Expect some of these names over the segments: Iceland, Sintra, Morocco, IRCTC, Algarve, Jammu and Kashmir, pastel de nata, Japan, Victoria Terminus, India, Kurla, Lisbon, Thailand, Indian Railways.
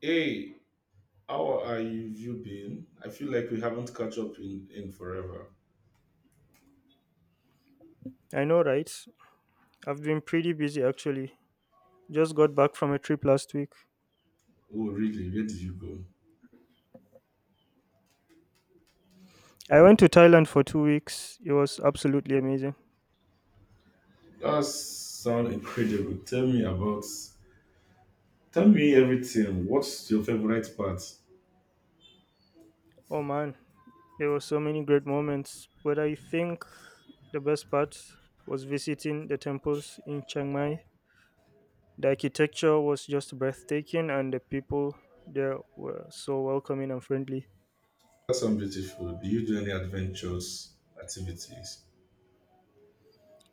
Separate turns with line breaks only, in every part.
Hey, how are you been? I feel like we haven't caught up in forever.
I know, right? I've been pretty busy actually. Just got back from a trip last week.
Oh, really? Where did you go?
I went to Thailand for 2 weeks. It was absolutely amazing.
That sounds incredible. Tell me about. Tell me everything. What's your favorite part?
Oh man, there were so many great moments. But I think the best part was visiting the temples in Chiang Mai. The architecture was just breathtaking, and the people there were so welcoming and friendly.
That's sounds beautiful. Do you do any adventures, activities?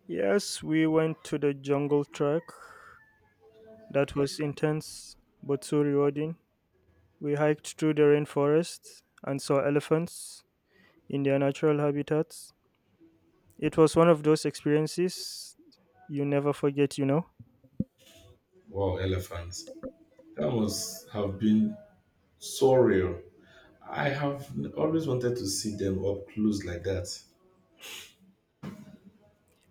Yes, we went to the jungle track. That was intense but so rewarding. We hiked through the rainforests and saw elephants in their natural habitats. It was one of those experiences you never forget.
Wow, elephants. That must have been so real. I have always wanted to see them up close like that.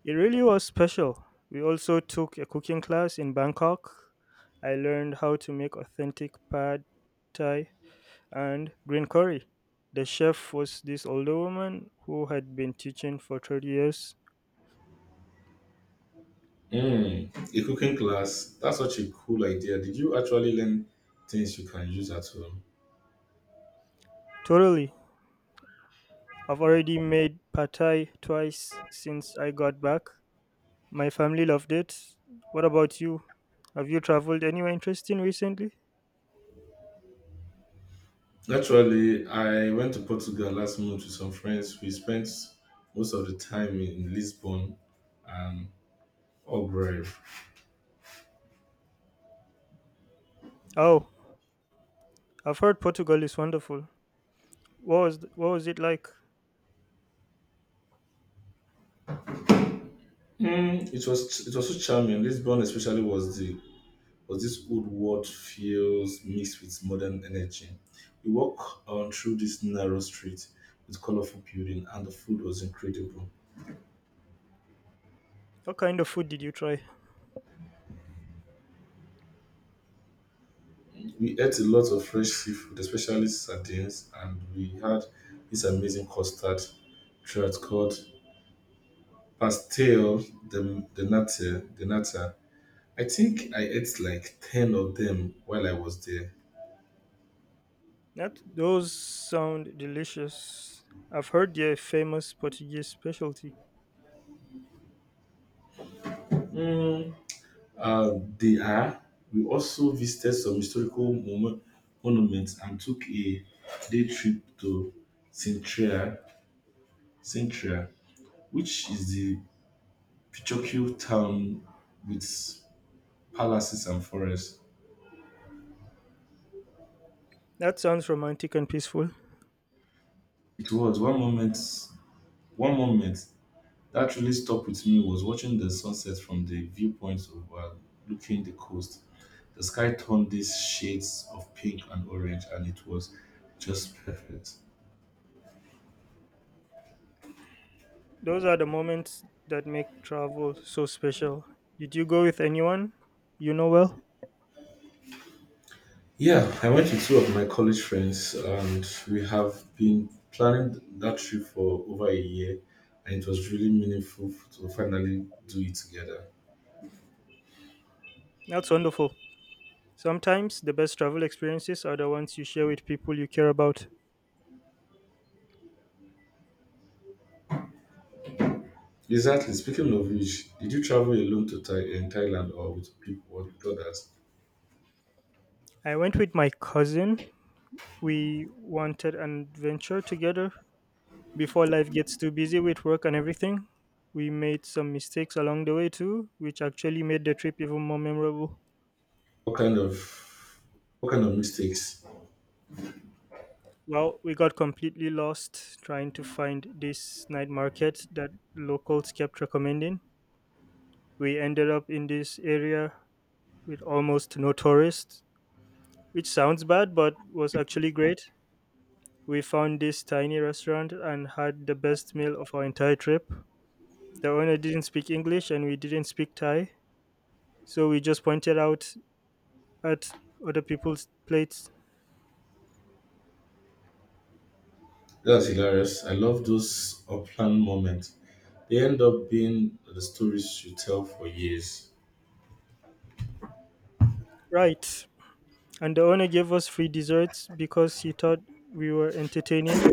It really was special. We also took a cooking class in Bangkok. I learned how to make authentic pad thai and green curry. The chef was this older woman who had been teaching for 30 years.
A cooking class. That's such a cool idea. Did you actually learn things you can use at home?
Totally. I've already made pad thai twice since I got back. My family loved it. What about you? Have you traveled anywhere interesting recently?
Naturally, I went to Portugal last month with some friends. We spent most of the time in Lisbon and Algarve.
Oh, I've heard Portugal is wonderful. What was it like?
It was so charming. Lisbon especially was this old world feels mixed with modern energy. We walked on through this narrow street with colorful building and the food was incredible.
What kind of food did you try?
We ate a lot of fresh seafood, especially sardines, and we had this amazing custard trout called pastel de nata. De nata. I think I ate like 10 of them while I was there.
That those sound delicious. I've heard they their famous Portuguese specialty.
Mm, uh, they are. We also visited some historical monuments and took a day trip to Sintra, Sintra, which is the Pichokyu town with palaces and forests.
That sounds romantic and peaceful.
It was one moment that really stuck with me was watching the sunset from the viewpoint overlooking the coast. The sky turned these shades of pink and orange and it was just perfect.
Those are the moments that make travel so special. Did you go with anyone you know well?
Yeah, I went with two of my college friends and we have been planning that trip for over a year and it was really meaningful to finally do it together.
That's wonderful. Sometimes the best travel experiences are the ones you share with people you care about.
Exactly. Speaking of which, did you travel alone to in Thailand or with people or with others?
I went with my cousin. We wanted an adventure together before life gets too busy with work and everything. We made some mistakes along the way too, which actually made the trip even more memorable.
What kind of what kind of mistakes?
Well, we got completely lost trying to find this night market that locals kept recommending. We ended up in this area with almost no tourists, which sounds bad but was actually great. We found this tiny restaurant and had the best meal of our entire trip. The owner didn't speak English and we didn't speak Thai, so we just pointed out at other people's plates.
That's hilarious. I love those unplanned moments. They end up being the stories you tell for years.
Right. And the owner gave us free desserts because he thought we were entertaining.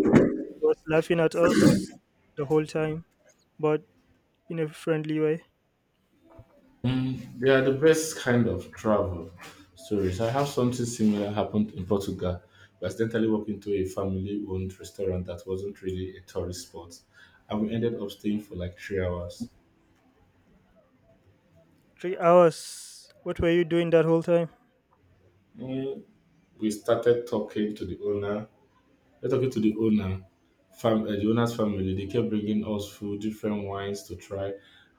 He was laughing at us the whole time, but in a friendly way.
They are the best kind of travel stories. I have something similar happened in Portugal. We accidentally walked into a family-owned restaurant that wasn't really a tourist spot, and we ended up staying for like 3 hours.
3 hours. What were you doing that whole time?
Mm, we started talking to the owner. Then talking to the owner, fam- the owner's family, they kept bringing us food, different wines to try,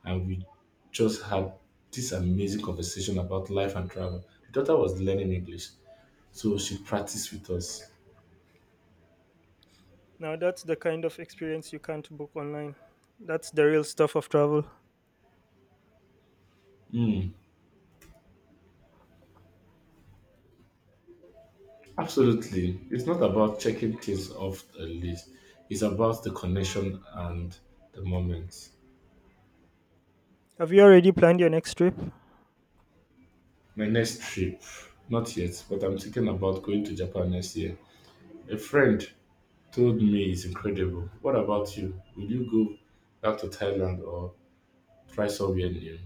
and we just had this amazing conversation about life and travel. The daughter was learning English, so she practiced with us.
Now, that's the kind of experience you can't book online. That's the real stuff of travel.
Mm, Absolutely, it's not about checking things off the list. It's about the connection and the moment.
Have you already planned your next trip?
My next trip, not yet, but I'm thinking about going to Japan next year. A friend told me is incredible. What about you? Will you go back to Thailand or try somewhere new?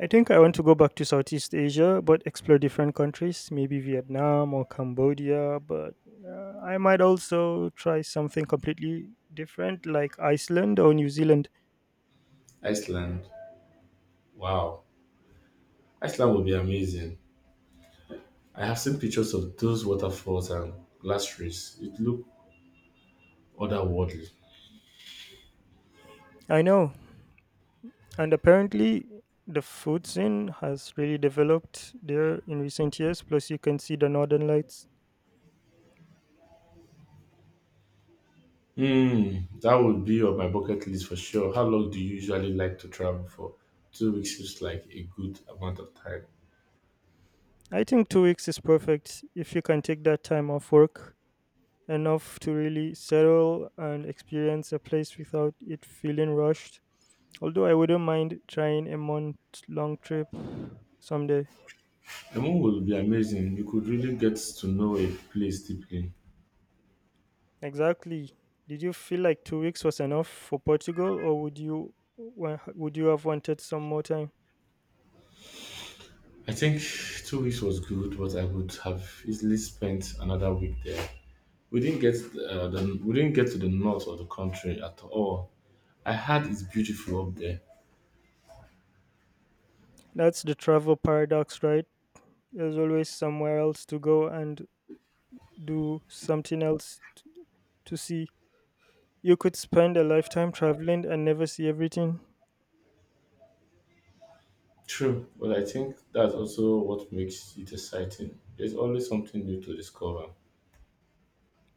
I think I want to go back to Southeast Asia, but explore different countries, maybe Vietnam or Cambodia. But I might also try something completely different, like Iceland or New Zealand.
Iceland. Wow. Iceland would be amazing. I have seen pictures of those waterfalls and glaciers. It looked otherworldly.
I know. And apparently, the food scene has really developed there in recent years. Plus, you can see the northern lights.
That would be on my bucket list for sure. How long do you usually like to travel for? 2 weeks seems like a good amount of time.
I think 2 weeks is perfect if you can take that time off work, enough to really settle and experience a place without it feeling rushed. Although I wouldn't mind trying a month long trip someday.
The moon will be amazing. You could really get to know a place deeply.
Exactly. Did you feel like 2 weeks was enough for Portugal, or would you have wanted some more time?
I think 2 weeks was good, but I would have easily spent another week there. We didn't get to the north of the country at all. I heard it's beautiful up there.
That's the travel paradox, right? There's always somewhere else to go and do to see. You could spend a lifetime traveling and never see everything.
True, but I think that's also what makes it exciting. There's always something new to discover.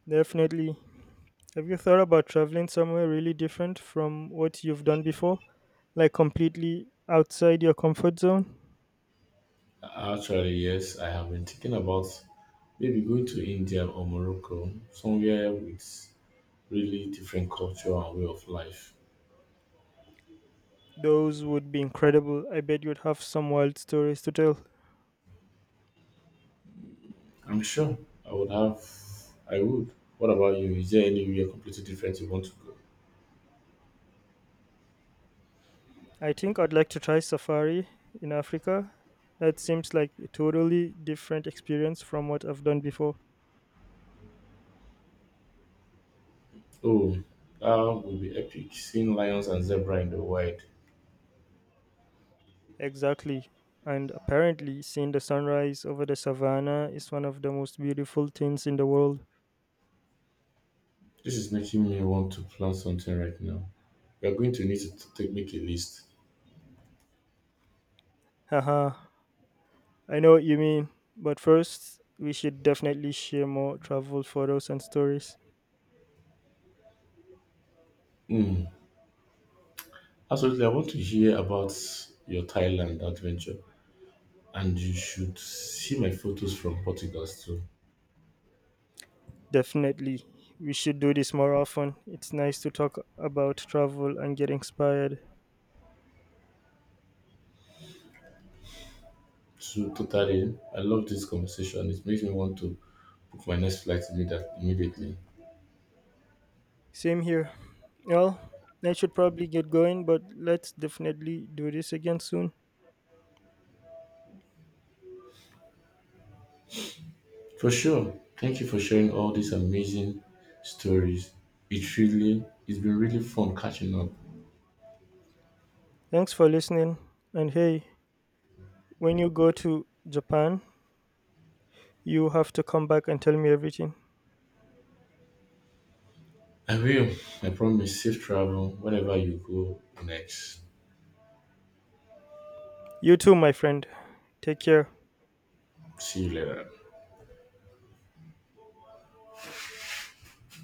Definitely. Have you thought about traveling somewhere really different from what you've done before? Like completely outside your comfort zone?
Actually, yes, I have been thinking about maybe going to India or Morocco, somewhere with really different culture and way of life.
Those would be incredible. I bet you'd have some wild stories to tell.
I'm sure I would have. I would. What about you? Is there anywhere completely different you want to go?
I think I'd like to try safari in Africa. That seems like a totally different experience from what I've done before.
Oh, that would be epic. Seeing lions and zebra in the wild.
Exactly. And apparently, seeing the sunrise over the savannah is one of the most beautiful things in the world.
This is making me want to plan something right now. We are going to need to t- take make a list.
Haha, I know what you mean. But first, we should definitely share more travel photos and stories.
Hmm. Absolutely, I want to hear about your Thailand adventure, and you should see my photos from Portugal too.
Definitely. We should do this more often. It's nice to talk about travel and get inspired.
So totally, I love this conversation. It makes me want to book my next flight immediately.
Same here. Well, I should probably get going, but let's definitely do this again soon.
For sure. Thank you for sharing all these amazing stories. It's been really fun catching up.
Thanks for listening. And hey, when you go to Japan, you have to come back and tell me everything.
I will. I promise safe travel wherever you go next.
You too, my friend. Take care.
See you later.